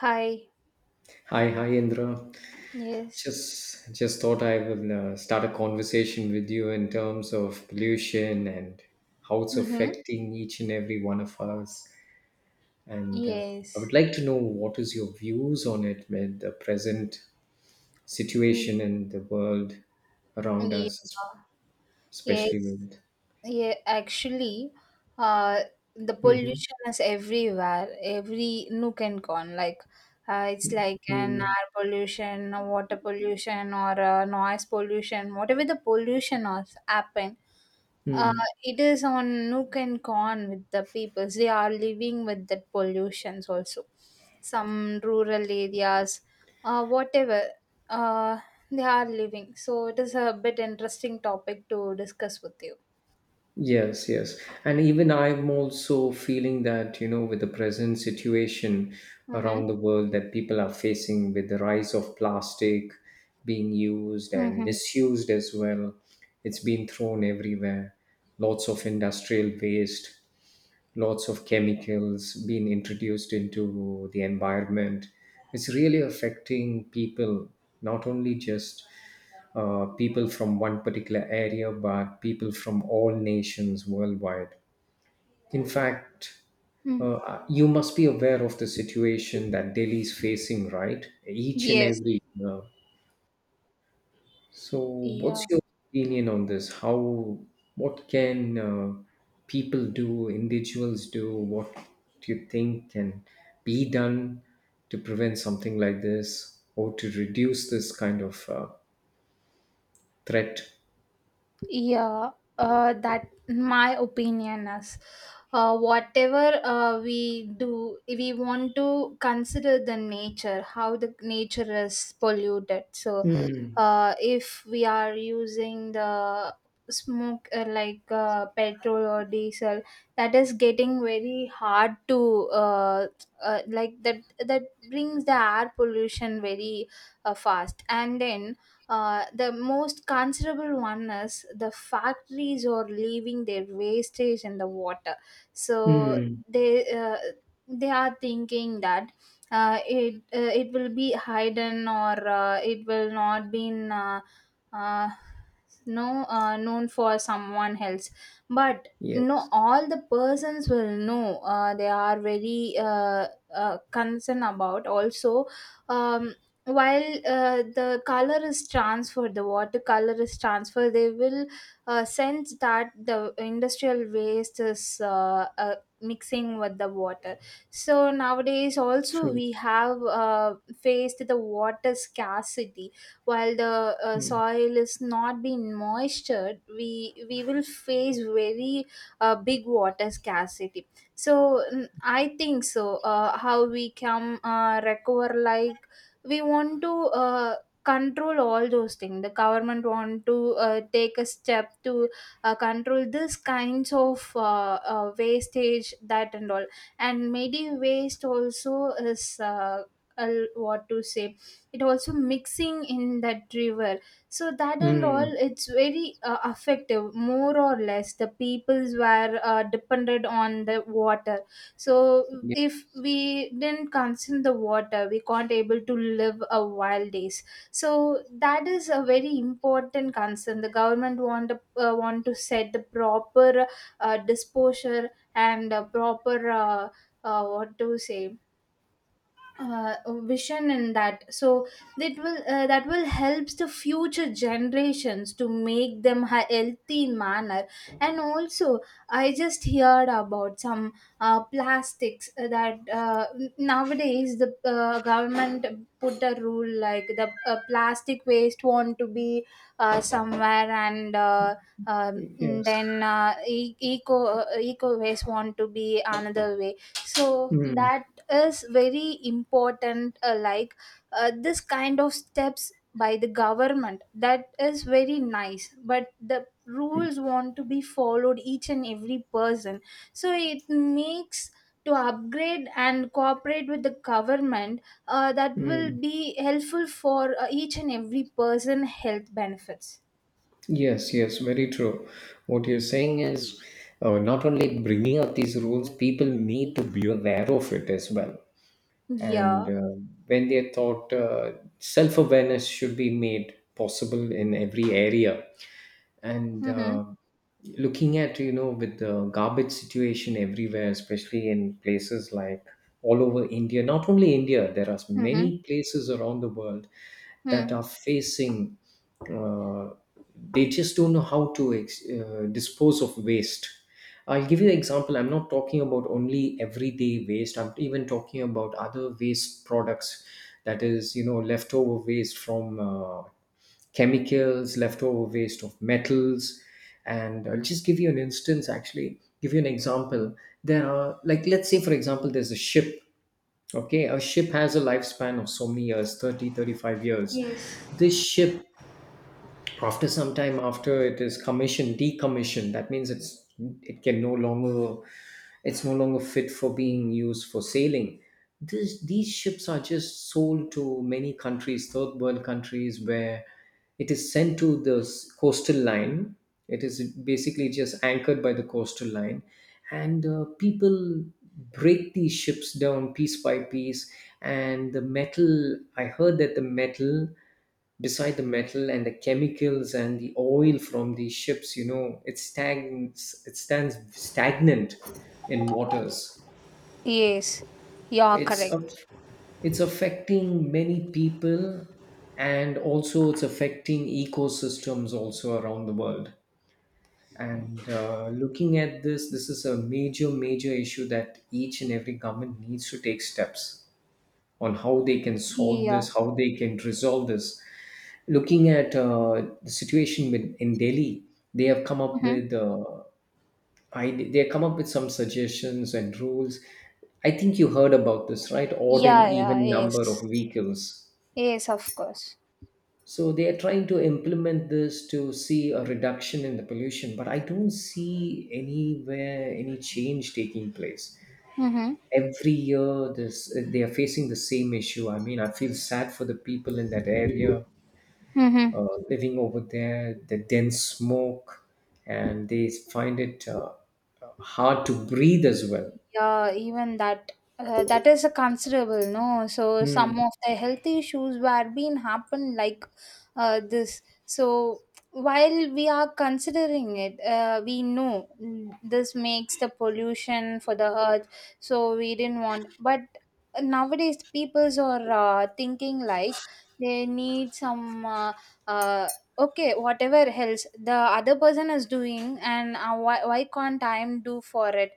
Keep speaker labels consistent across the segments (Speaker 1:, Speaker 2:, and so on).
Speaker 1: Hi.
Speaker 2: Hi, Indra.
Speaker 1: Yes.
Speaker 2: Just thought I will start a conversation with you in terms of pollution and how it's
Speaker 1: Mm-hmm.
Speaker 2: affecting each and every one of us. And I
Speaker 1: Yes.
Speaker 2: would like to know what is your views on it with the present
Speaker 1: Mm,
Speaker 2: situation in the world around
Speaker 1: ye-
Speaker 2: us, especially
Speaker 1: Yes.
Speaker 2: with.
Speaker 1: Yeah, actually, uh, the
Speaker 2: Mm-hmm.
Speaker 1: pollution is everywhere, every nook and corner. Like, it's like an
Speaker 2: Mm-hmm,
Speaker 1: air pollution, a water pollution, or a noise pollution. Whatever the pollution has happened, uh,
Speaker 2: mm.
Speaker 1: it is on nook and corner with the people. They are living with that pollutions also. Some rural areas, whatever, uh, they are living. So it is a bit interesting topic to discuss with you.
Speaker 2: Yes, yes. And even I'm also feeling that, you know, with the present situation
Speaker 1: Mm-hmm.
Speaker 2: around the world that people are facing with the rise of plastic being used and
Speaker 1: Mm-hmm.
Speaker 2: misused as well, it's been thrown everywhere. Lots of industrial waste, lots of chemicals being introduced into the environment. It's really affecting people, not only just people from one particular area, but people from all nations worldwide. In fact,
Speaker 1: Mm.
Speaker 2: you must be aware of the situation that Delhi is facing, right? Each and
Speaker 1: Yes.
Speaker 2: every year. So, what's
Speaker 1: Yeah.
Speaker 2: your opinion on this? How, what can people do, individuals do? What do you think can be done to prevent something like this or to reduce this kind of threat?
Speaker 1: Yeah. That my opinion is, whatever we do, we want to consider the nature, how the nature is polluted. So
Speaker 2: Hmm.
Speaker 1: if we are using the smoke like petrol or diesel that is getting very hard to like that brings the air pollution very fast. And then the most considerable one is the factories are leaving their wastage in the water. So
Speaker 2: Hmm.
Speaker 1: they uh, they are thinking that it will be hidden, or it will not been uh, no known for someone else. But no,
Speaker 2: Yes,
Speaker 1: all the persons will know they are very concerned about also. um, while the color is transferred, the watercolor is transferred, they will sense that the industrial waste is mixing with the water. So nowadays also
Speaker 2: true.
Speaker 1: we have faced the water scarcity. While the
Speaker 2: Mm.
Speaker 1: soil is not being moistured, we will face very big water scarcity. So I think so how we can recover. Like, we want to control all those things. The government want to take a step to control this kinds of wastage that and all. And maybe waste also is what to say, it also mixing in that river. So that and all,
Speaker 2: Mm.
Speaker 1: it's very effective, more or less the peoples were depended on the water. So
Speaker 2: Ye-
Speaker 1: if we didn't consume the water, we can't able to live a wild days. So that is a very important concern. The government want to set the proper disposure and proper what to say, uh, vision in that. So that will helps the future generations to make them a healthy manner. And also, I just heard about some plastics that nowadays the government put a rule like the plastic waste want to be somewhere, and
Speaker 2: Yes.
Speaker 1: then e- eco eco waste want to be another way. So
Speaker 2: Mm.
Speaker 1: that is very important. Like, this kind of steps by the government, that is very nice, but the rules want to be followed each and every person. So it makes to upgrade and cooperate with the government. That will
Speaker 2: Mm.
Speaker 1: be helpful for each and every person health benefits.
Speaker 2: Yes, yes, very true. What you're saying is not only bringing up these rules, people need to be aware of it as well. And
Speaker 1: Yeah.
Speaker 2: uh, when they're taught, self awareness should be made possible in every area. and
Speaker 1: Mm-hmm.
Speaker 2: uh, looking at, you know, with the garbage situation everywhere, especially in places like all over India, not only India, there are
Speaker 1: Mm-hmm.
Speaker 2: many places around the world that
Speaker 1: Mm.
Speaker 2: are facing, uh, they just don't know how to dispose of waste. I'll give you an example. I'm not talking about only everyday waste, I'm even talking about other waste products that is, you know, leftover waste from chemicals, leftover waste of metals. And I'll just give you an instance, actually, give you an example. There are, like, let's say, for example, there's a ship. Okay, a ship has a lifespan of so many years, 35 years.
Speaker 1: Yes,
Speaker 2: This ship, after some time, after it is commissioned decommissioned, that means it's, it can no longer, it's no longer fit for being used for sailing. These ships are just sold to many countries, third world countries, where it is sent to the coastal line. It is basically just anchored by the coastal line, and people break these ships down piece by piece. And the metal, I heard that the metal, beside the metal and the chemicals and the oil from the ships, you know, it stands stagnant in waters.
Speaker 1: yes. Yeah,
Speaker 2: It's
Speaker 1: correct.
Speaker 2: a, it's affecting many people, and also it's affecting ecosystems also around the world. And looking at this, this is a major major issue that each and every government needs to take steps on, how they can solve
Speaker 1: Yeah.
Speaker 2: this, how they can resolve this. Looking at the situation with, in Delhi, they have come up
Speaker 1: Mm-hmm.
Speaker 2: with they have come up with some suggestions and rules. I think you heard about this, right? Odd and
Speaker 1: Yeah, yeah,
Speaker 2: even
Speaker 1: yes.
Speaker 2: number of vehicles.
Speaker 1: Yes, of course.
Speaker 2: So they are trying to implement this to see a reduction in the pollution, but I don't see anywhere any change taking place.
Speaker 1: Mm-hmm.
Speaker 2: Every year this they are facing the same issue. I mean, I feel sad for the people in that area,
Speaker 1: Mm-hmm.
Speaker 2: living over there, the dense smoke, and they find it hard to breathe as well.
Speaker 1: Yeah, even that that is a considerable no. So some
Speaker 2: Mm.
Speaker 1: of the health issues were being happen like this. So while we are considering it, we know, mm, this makes the pollution for the earth. So we didn't want, but nowadays peoples are thinking like they need some uh, okay whatever else the other person is doing and why can't I do for it.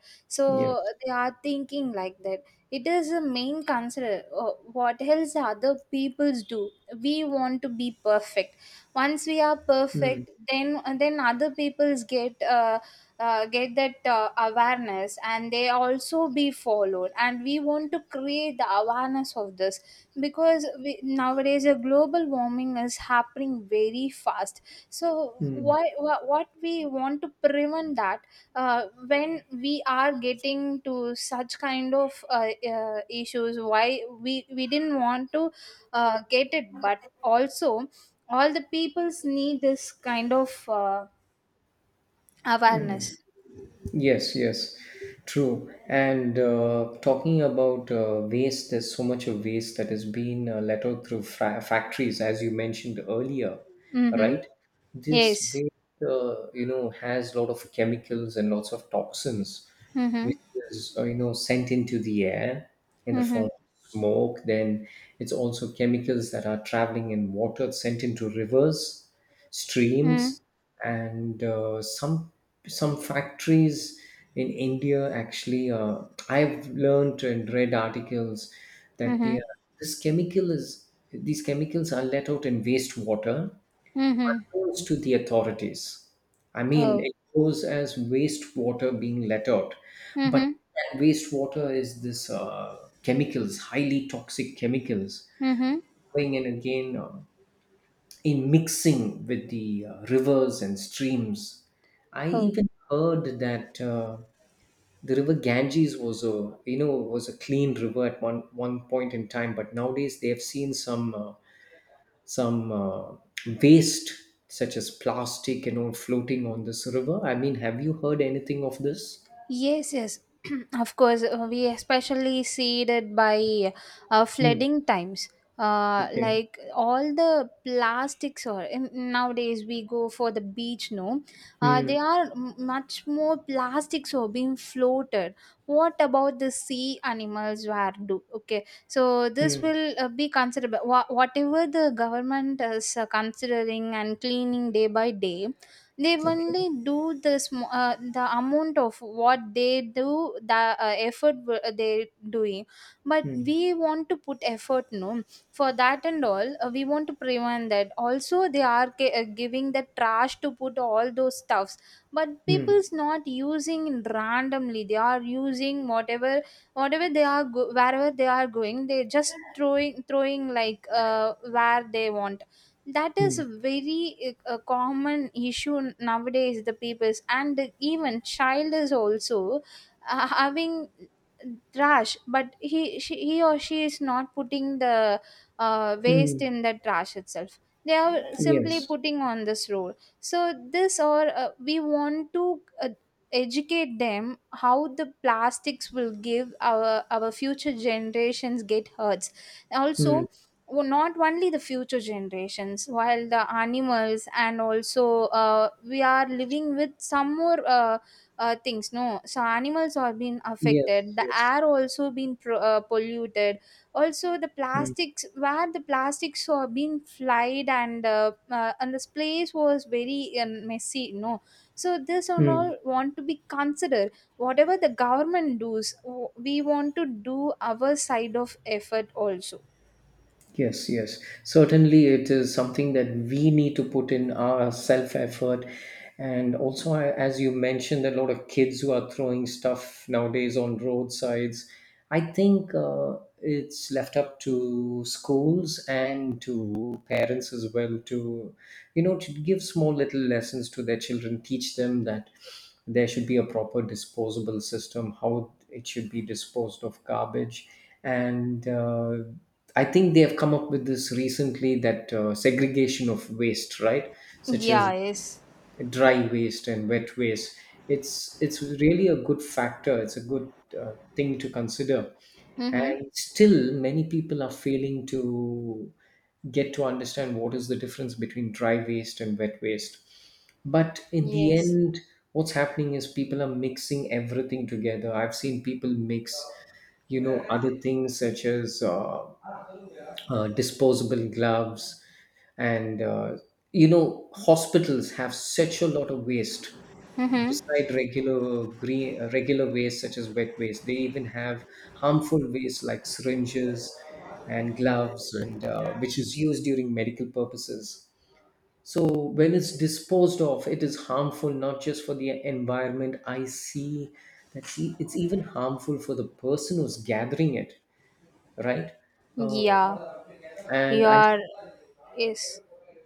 Speaker 2: Yes.
Speaker 1: So they are thinking like that. It is a main concern, what else other peoples do. We want to be perfect. Once we are
Speaker 2: Mm.
Speaker 1: perfect, then other peoples get that awareness, and they also be followed. And we want to create the awareness of this, because we, nowadays a global warming is happening very fast. So
Speaker 2: Mm.
Speaker 1: why, what we want to prevent that. When we are getting to such kind of issues, why we didn't want to get it. But also, all the peoples need this kind of awareness.
Speaker 2: Yes, yes, true. And talking about waste, there's so much of waste that has been let out through factories, as you mentioned earlier,
Speaker 1: Mm-hmm.
Speaker 2: right? This
Speaker 1: Yes.
Speaker 2: waste, you know, has a lot of chemicals and lots of toxins,
Speaker 1: Mm-hmm.
Speaker 2: which is, you know, sent into the air in the
Speaker 1: Mm-hmm.
Speaker 2: form of smoke. Then it's also chemicals that are traveling in water, sent into rivers,
Speaker 1: Mm-hmm.
Speaker 2: streams, and some factories in India actually, I've learned and read articles that they
Speaker 1: Mm-hmm.
Speaker 2: are, this chemical is, these chemicals are let out in wastewater,
Speaker 1: Mm-hmm.
Speaker 2: goes to the authorities. I mean,
Speaker 1: Oh.
Speaker 2: it goes as wastewater being let out, but
Speaker 1: Mm-hmm.
Speaker 2: that wastewater is this, chemicals, highly toxic chemicals
Speaker 1: Mm-hmm.
Speaker 2: going in again, in mixing with the rivers and streams. I
Speaker 1: Oh.
Speaker 2: even heard that the river Ganges was a, you know, was a clean river at one point in time, but nowadays they have seen some some uh, waste such as plastic and all floating on this river. I mean, have you heard anything of this?
Speaker 1: Yes, yes, of course. We especially see it by
Speaker 2: Hmm.
Speaker 1: flooding times.
Speaker 2: Okay.
Speaker 1: Like, all the plastics or nowadays we go for the beach, no,
Speaker 2: Hmm.
Speaker 1: they are much more plastics are being floated. What about the sea animals were do, okay, so this
Speaker 2: Hmm.
Speaker 1: will be considered. Whatever the government is considering and cleaning day by day, they
Speaker 2: Okay.
Speaker 1: only do the the amount of what they do, the effort they doing. But
Speaker 2: Hmm.
Speaker 1: we want to put effort, no, for that and all. We want to prevent that. Also, they are giving the trash to put all those stuffs, but
Speaker 2: Hmm.
Speaker 1: people's not using randomly, they are using whatever. Whatever they are wherever they are going, they just throwing like where they want. That is
Speaker 2: Hmm.
Speaker 1: a very a common issue nowadays. The people's, and even child is also having trash, but he or she is not putting the waste
Speaker 2: Hmm.
Speaker 1: in the trash itself. They are simply
Speaker 2: Yes.
Speaker 1: putting on this road. So this, or we want to educate them how the plastics will give our future generations get hurts
Speaker 2: Hmm.
Speaker 1: also. Well, not only the future generations, while the animals, and also we are living with some more things, no. So animals are being affected,
Speaker 2: Yes.
Speaker 1: the
Speaker 2: Yes.
Speaker 1: air also been polluted. Also the
Speaker 2: Hmm.
Speaker 1: plastics, where the plastics are being flied, and the space was very messy, no. So this and
Speaker 2: Hmm.
Speaker 1: all want to be considered. Whatever the government does, we want to do our side of effort also.
Speaker 2: Yes, yes. Certainly, it is something that we need to put in our self effort. And also, I-, as you mentioned, a lot of kids who are throwing stuff nowadays on roadsides. I think it's left up to schools and to parents as well to, you know, to give small little lessons to their children, teach them that there should be a proper disposable system, how it should be disposed of garbage, and I think they have come up with this recently, that segregation of waste, right? Such
Speaker 1: Yeah,
Speaker 2: as
Speaker 1: yes.
Speaker 2: dry waste and wet waste. It's really a good factor. It's a good thing to consider.
Speaker 1: Mm-hmm.
Speaker 2: And still, many people are failing to get to understand what is the difference between dry waste and wet waste. But in the
Speaker 1: Yes.
Speaker 2: end, what's happening is people are mixing everything together. I've seen people mix, you know, other things such as disposable gloves, and you know, hospitals have such a lot of waste,
Speaker 1: Mm-hmm.
Speaker 2: beside regular green, regular waste such as wet waste. They even have harmful waste like syringes and gloves and, which is used during medical purposes. So when it's disposed of, it is harmful, not just for the environment. I see that, see, it's even harmful for the person who's gathering it, right? uh,
Speaker 1: Yeah.
Speaker 2: and
Speaker 1: You
Speaker 2: I,
Speaker 1: are yes.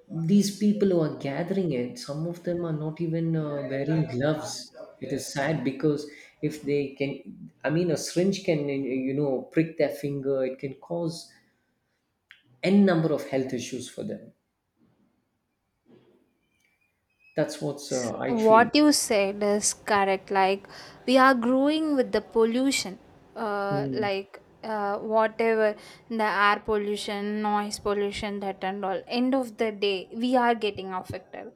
Speaker 2: these people who are gathering it, some of them are not even wearing gloves. It is sad because if they can, I mean, a syringe can, you know, prick their finger, it can cause n number of health issues for them. That's what's I feel.
Speaker 1: What you said is correct. Like, we are growing with the pollution, uh,
Speaker 2: Mm,
Speaker 1: like uh, whatever the air pollution, noise pollution, that and all, end of the day we are getting affected.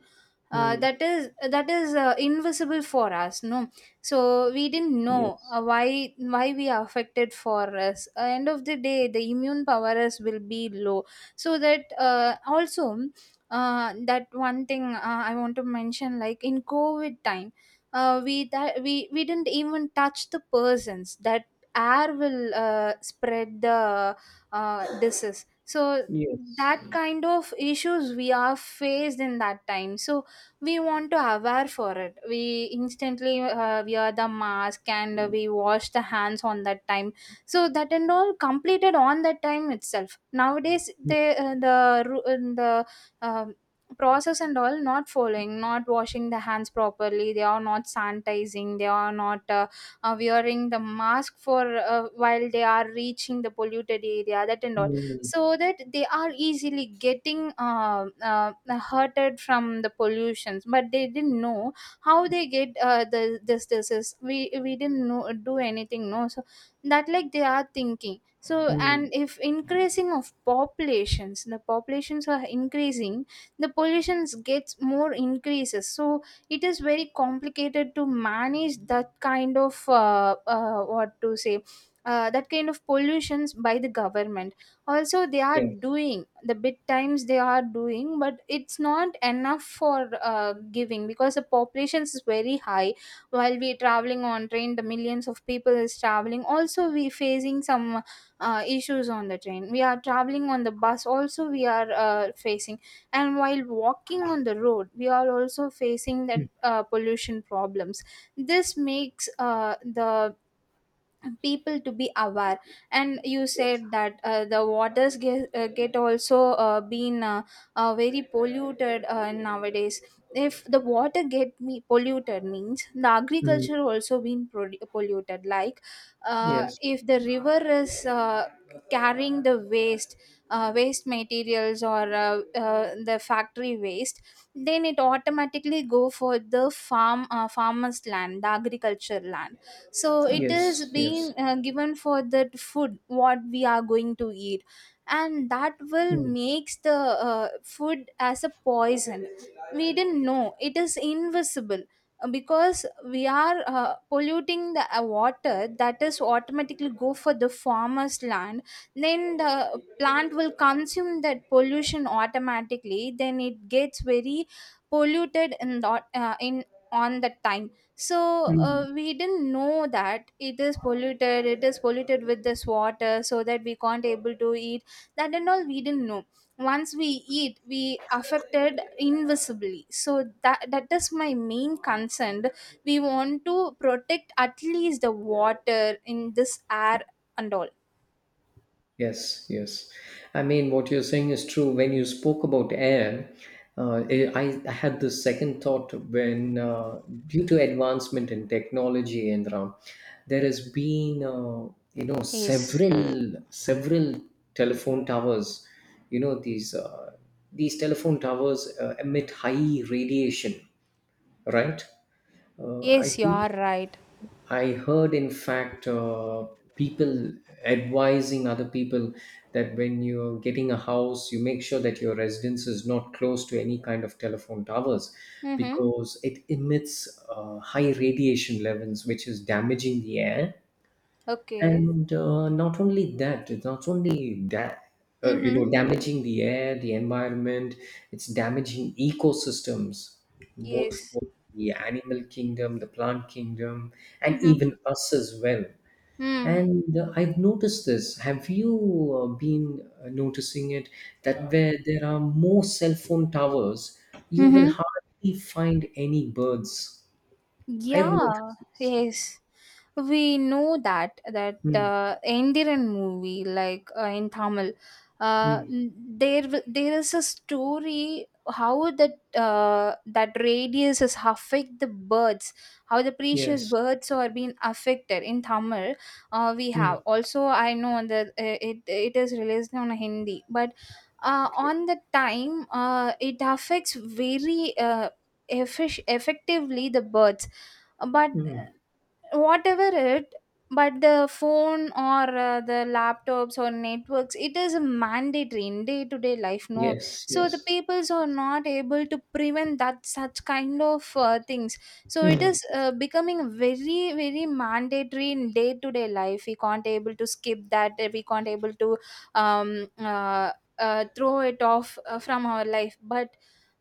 Speaker 2: mm,
Speaker 1: That is that is invisible for us, no. So we didn't know
Speaker 2: yes,
Speaker 1: why we are affected. For us, end of the day the immune powers will be low. So that also, that one thing I want to mention, like in COVID time, we didn't even touch the persons. That air will spread the disease. So
Speaker 2: yes,
Speaker 1: that kind of issues we are faced in that time. So we want to aware for it. We instantly wear the mask and we wash the hands on that time. So that and all completed on that time itself. Nowadays,
Speaker 2: mm,
Speaker 1: they the um, process and all not following, not washing the hands properly, they are not sanitizing, they are not wearing the mask for while they are reaching the polluted area, that and all.
Speaker 2: mm,
Speaker 1: So that they are easily getting hurted from the pollutions, but they didn't know how they get the this disease. We didn't know do anything, no. So that, like, they are thinking. So, and
Speaker 2: mm,
Speaker 1: if increasing of populations, the populations are increasing, the pollutions gets more increases. So it is very complicated to manage that kind of what to say, that kind of pollutions by the government. Also they are
Speaker 2: yes,
Speaker 1: doing the bit times, they are doing, but it's not enough for giving, because the population is very high. While we traveling on train, the millions of people is traveling, also we facing some issues on the train we are traveling. On the bus also we are facing, and while walking on the road we are also facing that
Speaker 2: mm,
Speaker 1: pollution problems. This makes the people to be aware. And you said that the waters get also been very polluted nowadays. If the water get me polluted means the
Speaker 2: mm,
Speaker 1: agriculture also been polluted. Like,
Speaker 2: yes,
Speaker 1: if the river is carrying the waste waste materials, or the factory waste, then it automatically go for the farmers land, the agriculture land. So it is
Speaker 2: yes,
Speaker 1: being
Speaker 2: yes.
Speaker 1: given for that food what we are going to eat. And that will
Speaker 2: Mm,
Speaker 1: makes the food as a poison. We didn't know, it is invisible. Because we are polluting the water, that is automatically go for the farmer's land. Then the plant will consume that pollution automatically, then it gets very polluted in the, in on the time. So
Speaker 2: mm.
Speaker 1: we didn't know that it is polluted. It is polluted with this water, so that we can't able to eat that and all. We didn't know, once we eat we affected invisibly. So that, that is my main concern. We want to protect at least the water in this air and all.
Speaker 2: Yes, yes. I mean, what you're saying is true. When you spoke about air, I had this second thought when, due to advancement in technology, and there has been, you know,
Speaker 1: Yes.
Speaker 2: several telephone towers. You know, these, these telephone towers emit high radiation, right? I
Speaker 1: Yes, you
Speaker 2: think
Speaker 1: are right.
Speaker 2: I heard, in fact, people advising other people that when you're getting a house, you make sure that your residence is not close to any kind of telephone towers,
Speaker 1: Mm-hmm.
Speaker 2: because it emits high radiation levels, which is damaging the air.
Speaker 1: Okay.
Speaker 2: And not only that, it's not only that, you
Speaker 1: Mm-hmm.
Speaker 2: know, damaging the air, the environment, it's damaging ecosystems, both
Speaker 1: Yes.
Speaker 2: for the animal kingdom, the plant kingdom, and
Speaker 1: Mm-hmm.
Speaker 2: even us as well.
Speaker 1: Mm.
Speaker 2: And I've noticed this. Have you been noticing it, that where there are more cell phone towers, you will
Speaker 1: Mm-hmm.
Speaker 2: hardly find any birds? I've
Speaker 1: Yeah.
Speaker 2: noticed this.
Speaker 1: Yes. We know that that
Speaker 2: Mm,
Speaker 1: Endiran movie, like in Tamil,
Speaker 2: mm,
Speaker 1: there there is a story how that radius is affect the birds, how the precious
Speaker 2: yes.
Speaker 1: birds are being affected in Tamil. We have
Speaker 2: Mm.
Speaker 1: also, I know that it is released on Hindi, but
Speaker 2: Okay.
Speaker 1: on the time, it affects very, effectively the birds. but
Speaker 2: Mm.
Speaker 1: whatever it but the phone or the laptops or networks, it is mandatory in day to day life, no?
Speaker 2: Yes,
Speaker 1: So the
Speaker 2: yes.
Speaker 1: peoples are not able to prevent that, such kind of things. So it
Speaker 2: Mm.
Speaker 1: is becoming very very mandatory in day to day life. We can't able to skip that, we can't able to um uh, throw it off from our life, but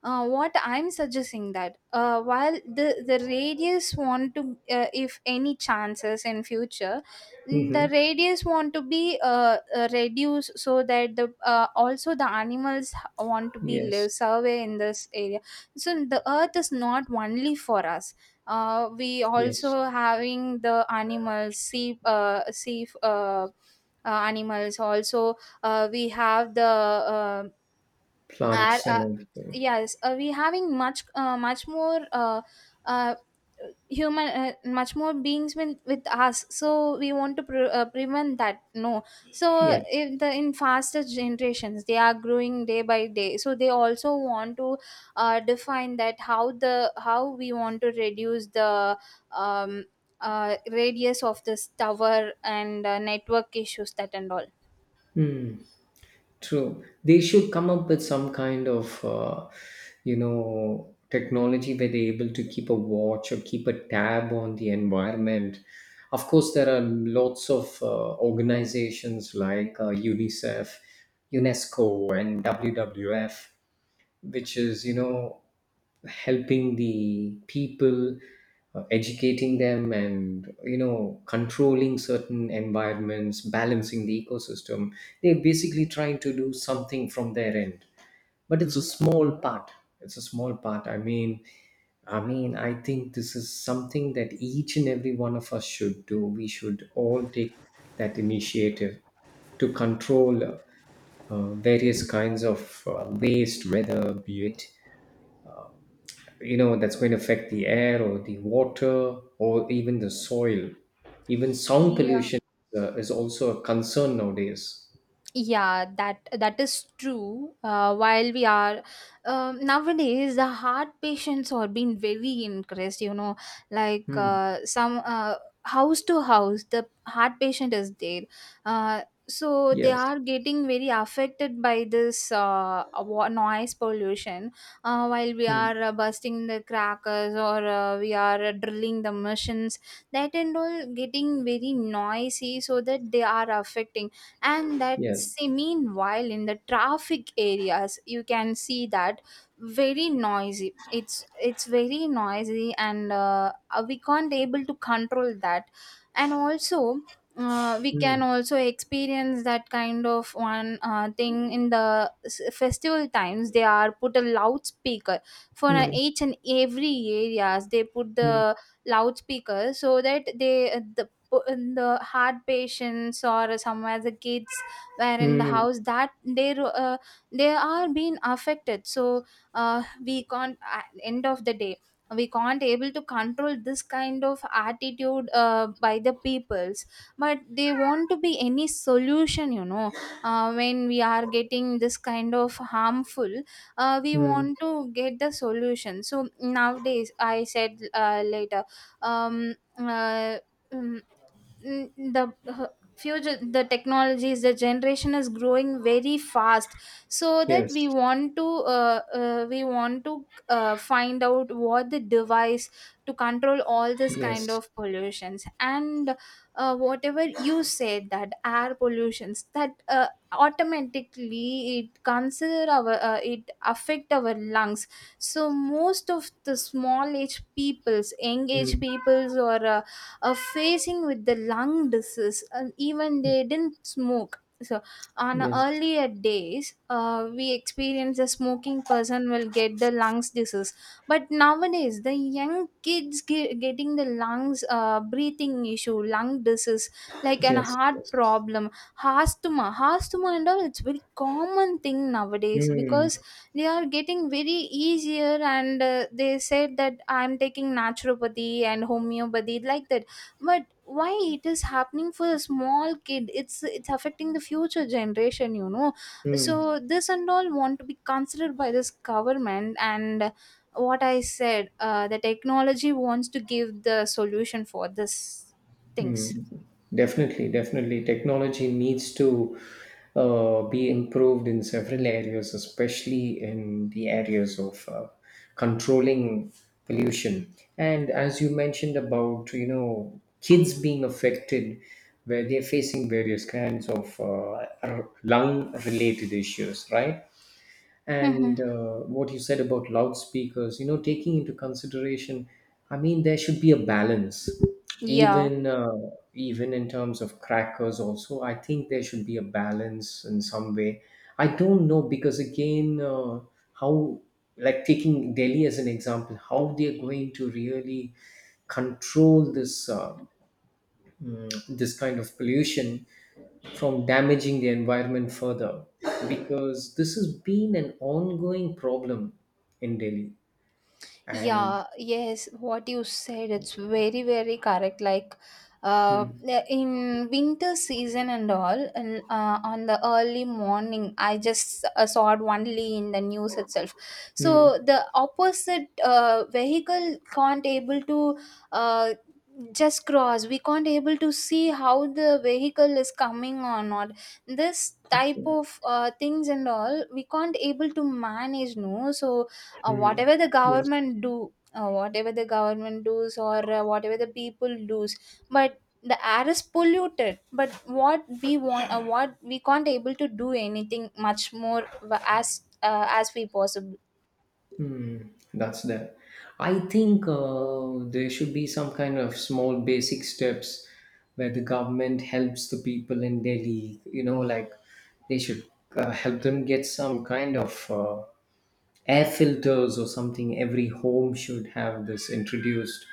Speaker 1: what I'm suggesting, that while the radius want to, if any chances in future, the
Speaker 2: Hmm.
Speaker 1: radius want to be reduced, so that the, also the animals want to be
Speaker 2: Yes,
Speaker 1: live survey in this area. So the earth is not only for us. We
Speaker 2: yes.
Speaker 1: also having the animals, sea sea animals also. We have the, uh, are,
Speaker 2: Plants and everything.
Speaker 1: yes, we having much, much more, uh, human, much more beings with us, so we want to prevent that, no? So
Speaker 2: Yes.
Speaker 1: if the, in faster generations they are growing day by day, so they also want to define that how we want to reduce the um, radius of this tower and network issues, that and all.
Speaker 2: Mm. True. They should come up with some kind of, you know, technology where they're able to keep a watch or keep a tab on the environment. Of course, there are lots of organizations like UNICEF, UNESCO, and WWF, which is, you know, helping the people, educating them, and you know, controlling certain environments, balancing the ecosystem. They're basically trying to do something from their end, but it's a small part. It's a small part. I mean, I think this is something that each and every one of us should do. We should all take that initiative to control, various kinds of waste, whether be it, you know, that's going to affect the air or the water or even the soil. Even sound
Speaker 1: Yeah,
Speaker 2: pollution is also a concern nowadays.
Speaker 1: yeah, that is true. While we are, nowadays the heart patients are being very increased, like
Speaker 2: Hmm.
Speaker 1: some, house to house the heart patient is there. So they
Speaker 2: Yes.
Speaker 1: are getting very affected by this noise pollution. While we
Speaker 2: Hmm.
Speaker 1: are busting the crackers, or we are drilling the machines, that and all getting very noisy, so that they are affecting. And that,
Speaker 2: Yes.
Speaker 1: see, meanwhile in the traffic areas you can see that very noisy. It's very noisy, and we can't able to control that. And also, we can
Speaker 2: Hmm.
Speaker 1: also experience that kind of one thing. In the festival times they are put a loudspeaker for
Speaker 2: Hmm.
Speaker 1: each and every areas. They put
Speaker 2: Hmm.
Speaker 1: the loudspeaker, so that they, in the heart patients or somewhere the kids were in the
Speaker 2: Hmm.
Speaker 1: house, that they they are being affected, so we can't, at end of the day we can't able to control this kind of attitude by the peoples. But they want to be any solution, when we are getting this kind of harmful, we
Speaker 2: Hmm.
Speaker 1: want to get the solution. So nowadays I said, later, um, uh, mm, the future, the technologies, the generation is growing very fast. So that
Speaker 2: Yes.
Speaker 1: we want to find out what the device to control all this kind
Speaker 2: Yes.
Speaker 1: of pollutions, and whatever you said, that air pollutions, that automatically it consider our, it affect our lungs. So most of the small age peoples, young age
Speaker 2: Hmm.
Speaker 1: peoples, or facing with the lung disease, and even they didn't smoke. So on
Speaker 2: Yes.
Speaker 1: earlier days we experience a smoking person will get the lungs disease. But nowadays the young kids getting the lungs, breathing issue, lung disease, like an
Speaker 2: Yes.
Speaker 1: heart
Speaker 2: Yes.
Speaker 1: problem. Asthma, asthma and all, it's very common thing nowadays,
Speaker 2: Hmm.
Speaker 1: because they are getting very easier, and they said that I'm taking naturopathy and homeopathy, like that. But why it is happening for a small kid? It's affecting the future generation.
Speaker 2: Hmm.
Speaker 1: So this and all want to be considered by this government, and what I said, the technology wants to give the solution for this things.
Speaker 2: Mm. Definitely, definitely. Technology needs to be improved in several areas, especially in the areas of controlling pollution. And as you mentioned about, you know, kids being affected where they're facing various kinds of lung related issues, right? And
Speaker 1: Mm-hmm.
Speaker 2: what you said about loudspeakers, you know, taking into consideration, I mean there should be a balance,
Speaker 1: Yeah.
Speaker 2: even even in terms of crackers also. I think there should be a balance in some way. I don't know because again, how, like taking Delhi as an example, how they're going to really control this, this kind of pollution from damaging the environment further, because this has been an ongoing problem in Delhi. And
Speaker 1: Yeah, yes, what you said, it's very, very correct. Like, uh,
Speaker 2: mm,
Speaker 1: in winter season and all, and on the early morning, I just saw it only in the news itself.
Speaker 2: mm,
Speaker 1: So the opposite vehicle can't able to uh, just cross. We can't able to see how the vehicle is coming or not. This type
Speaker 2: okay.
Speaker 1: of things and all, we can't able to manage. No, so
Speaker 2: Hmm. Yes.
Speaker 1: whatever the government does, or whatever the people does, but the air is polluted. But what we want, what we can't able to do anything much more, as we possible.
Speaker 2: Mm, that's there. I think there should be some kind of small basic steps where the government helps the people in Delhi, you know, like they should help them get some kind of. Air filters or something, every home should have this introduced,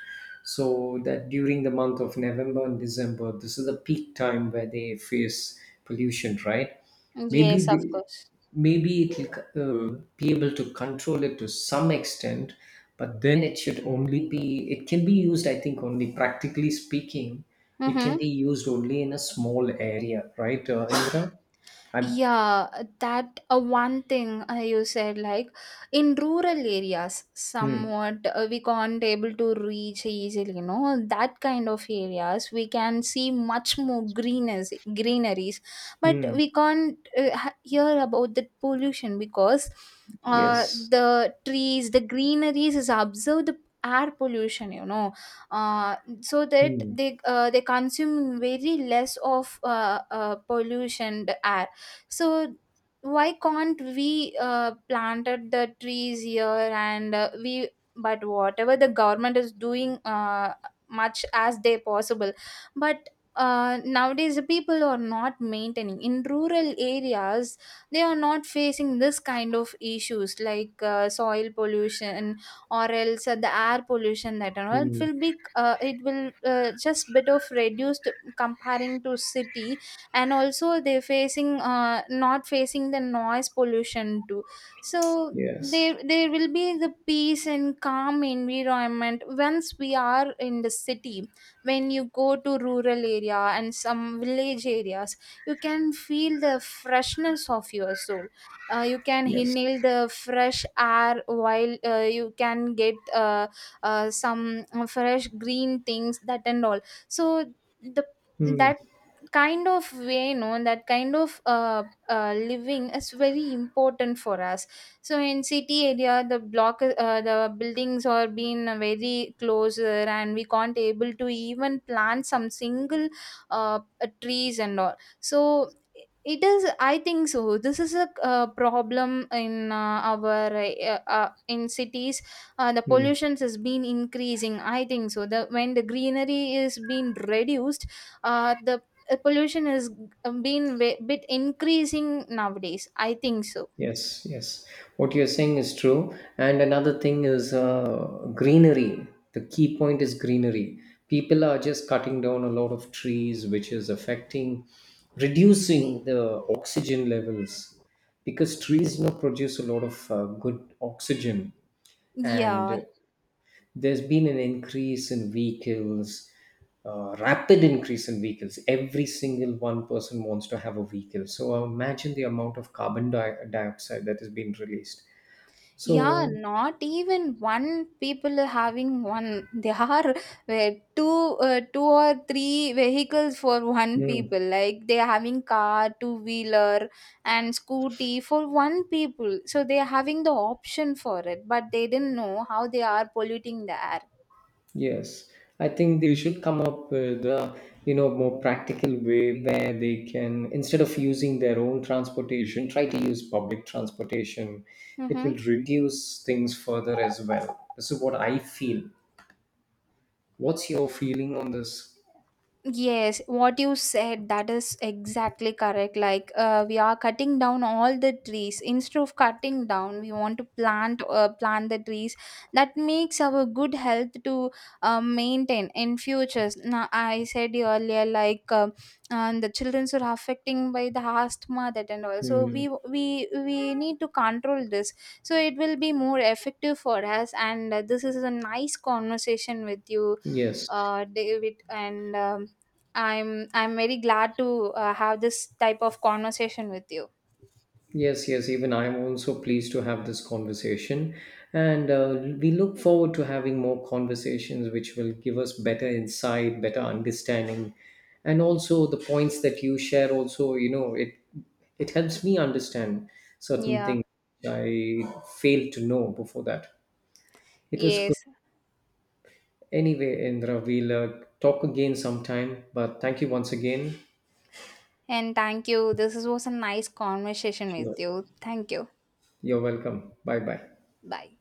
Speaker 2: so that during the month of November and December, this is the peak time where they face pollution, right? Maybe
Speaker 1: Yes, of
Speaker 2: they,
Speaker 1: course.
Speaker 2: maybe it will be able to control it to some extent, but then it should only be, it can be used, I think, only practically speaking, it can
Speaker 1: Mm-hmm.
Speaker 2: be used only in a small area, right? Indra, I'm
Speaker 1: Yeah, that one thing you said, like in rural areas,
Speaker 2: mm,
Speaker 1: somewhat we can't able to reach easily. You know, that kind of areas we can see much more greeners, greeneries, but
Speaker 2: mm,
Speaker 1: we can't hear about the pollution, because
Speaker 2: yes,
Speaker 1: the trees, the greeneries is observed the air pollution. You know, uh, so that
Speaker 2: mm,
Speaker 1: they consume very less of pollution air. So why can't we planted the trees here, and we but whatever the government is doing, much as they possible. But nowadays the people are not maintaining in rural areas. They are not facing this kind of issues, like soil pollution, or else the air pollution, that and all it
Speaker 2: mm.
Speaker 1: will be, it will just bit of reduced comparing to city. And also they're facing, not facing the noise pollution too. So
Speaker 2: Yes,
Speaker 1: there will be the peace and calm environment once we are in the city. When you go to rural area and some village areas, you can feel the freshness of your soul. You can
Speaker 2: yes.
Speaker 1: inhale the fresh air, while you can get some fresh green things, that and all. So the,
Speaker 2: Hmm.
Speaker 1: that kind of way, no, that kind of living is very important for us. So in city area the buildings are being very closer, and we can't able to even plant some single trees and all. So it is, I think so, this is a problem in our in cities. The
Speaker 2: Hmm.
Speaker 1: pollutions has been increasing, I think so the, when the greenery is being reduced, the pollution is been a bit increasing nowadays. I think so.
Speaker 2: Yes, yes. What you're saying is true. And another thing is greenery. The key point is greenery. People are just cutting down a lot of trees, which is affecting, reducing the oxygen levels, because trees, you know, produce a lot of good oxygen.
Speaker 1: Yeah,
Speaker 2: And there's been an increase in vehicles, rapid increase in vehicles. Every single one person wants to have a vehicle, so imagine the amount of carbon dioxide that has been released.
Speaker 1: yeah,
Speaker 2: So
Speaker 1: not even one people are having one. There are uh, two, two or three vehicles for one people.
Speaker 2: mm,
Speaker 1: Like they are having car, two wheeler, and scooty for one people. So they are having the option for it, but they didn't know how they are polluting the air.
Speaker 2: yes, I think they should come up with a, you know, more practical way where they can, instead of using their own transportation, try to use public transportation. It
Speaker 1: Mm-hmm.
Speaker 2: will reduce things further as well. This is what I feel. What's your feeling on this?
Speaker 1: Yes, what you said, that is exactly correct. Like, we are cutting down all the trees. Instead of cutting down, we want to plant the trees. That makes our good health to maintain in futures. Now, I said earlier, like, and the children are affecting by the asthma, that and all. So
Speaker 2: Mm-hmm.
Speaker 1: we need to control this. So it will be more effective for us. And this is a nice conversation with you,
Speaker 2: Yes,
Speaker 1: David, and. I'm very glad to have this type of conversation with you.
Speaker 2: yes, yes. Even I'm also pleased to have this conversation. And we look forward to having more conversations which will give us better insight, better understanding. And also the points that you share also, you know, it helps me understand certain
Speaker 1: Yeah.
Speaker 2: things I failed to know before that. It was good.
Speaker 1: Yes.
Speaker 2: Anyway, Indra, we'll talk again sometime. But thank you once again.
Speaker 1: And thank you. This was a nice conversation
Speaker 2: Sure.
Speaker 1: with you. Thank you.
Speaker 2: You're welcome. Bye bye.
Speaker 1: Bye.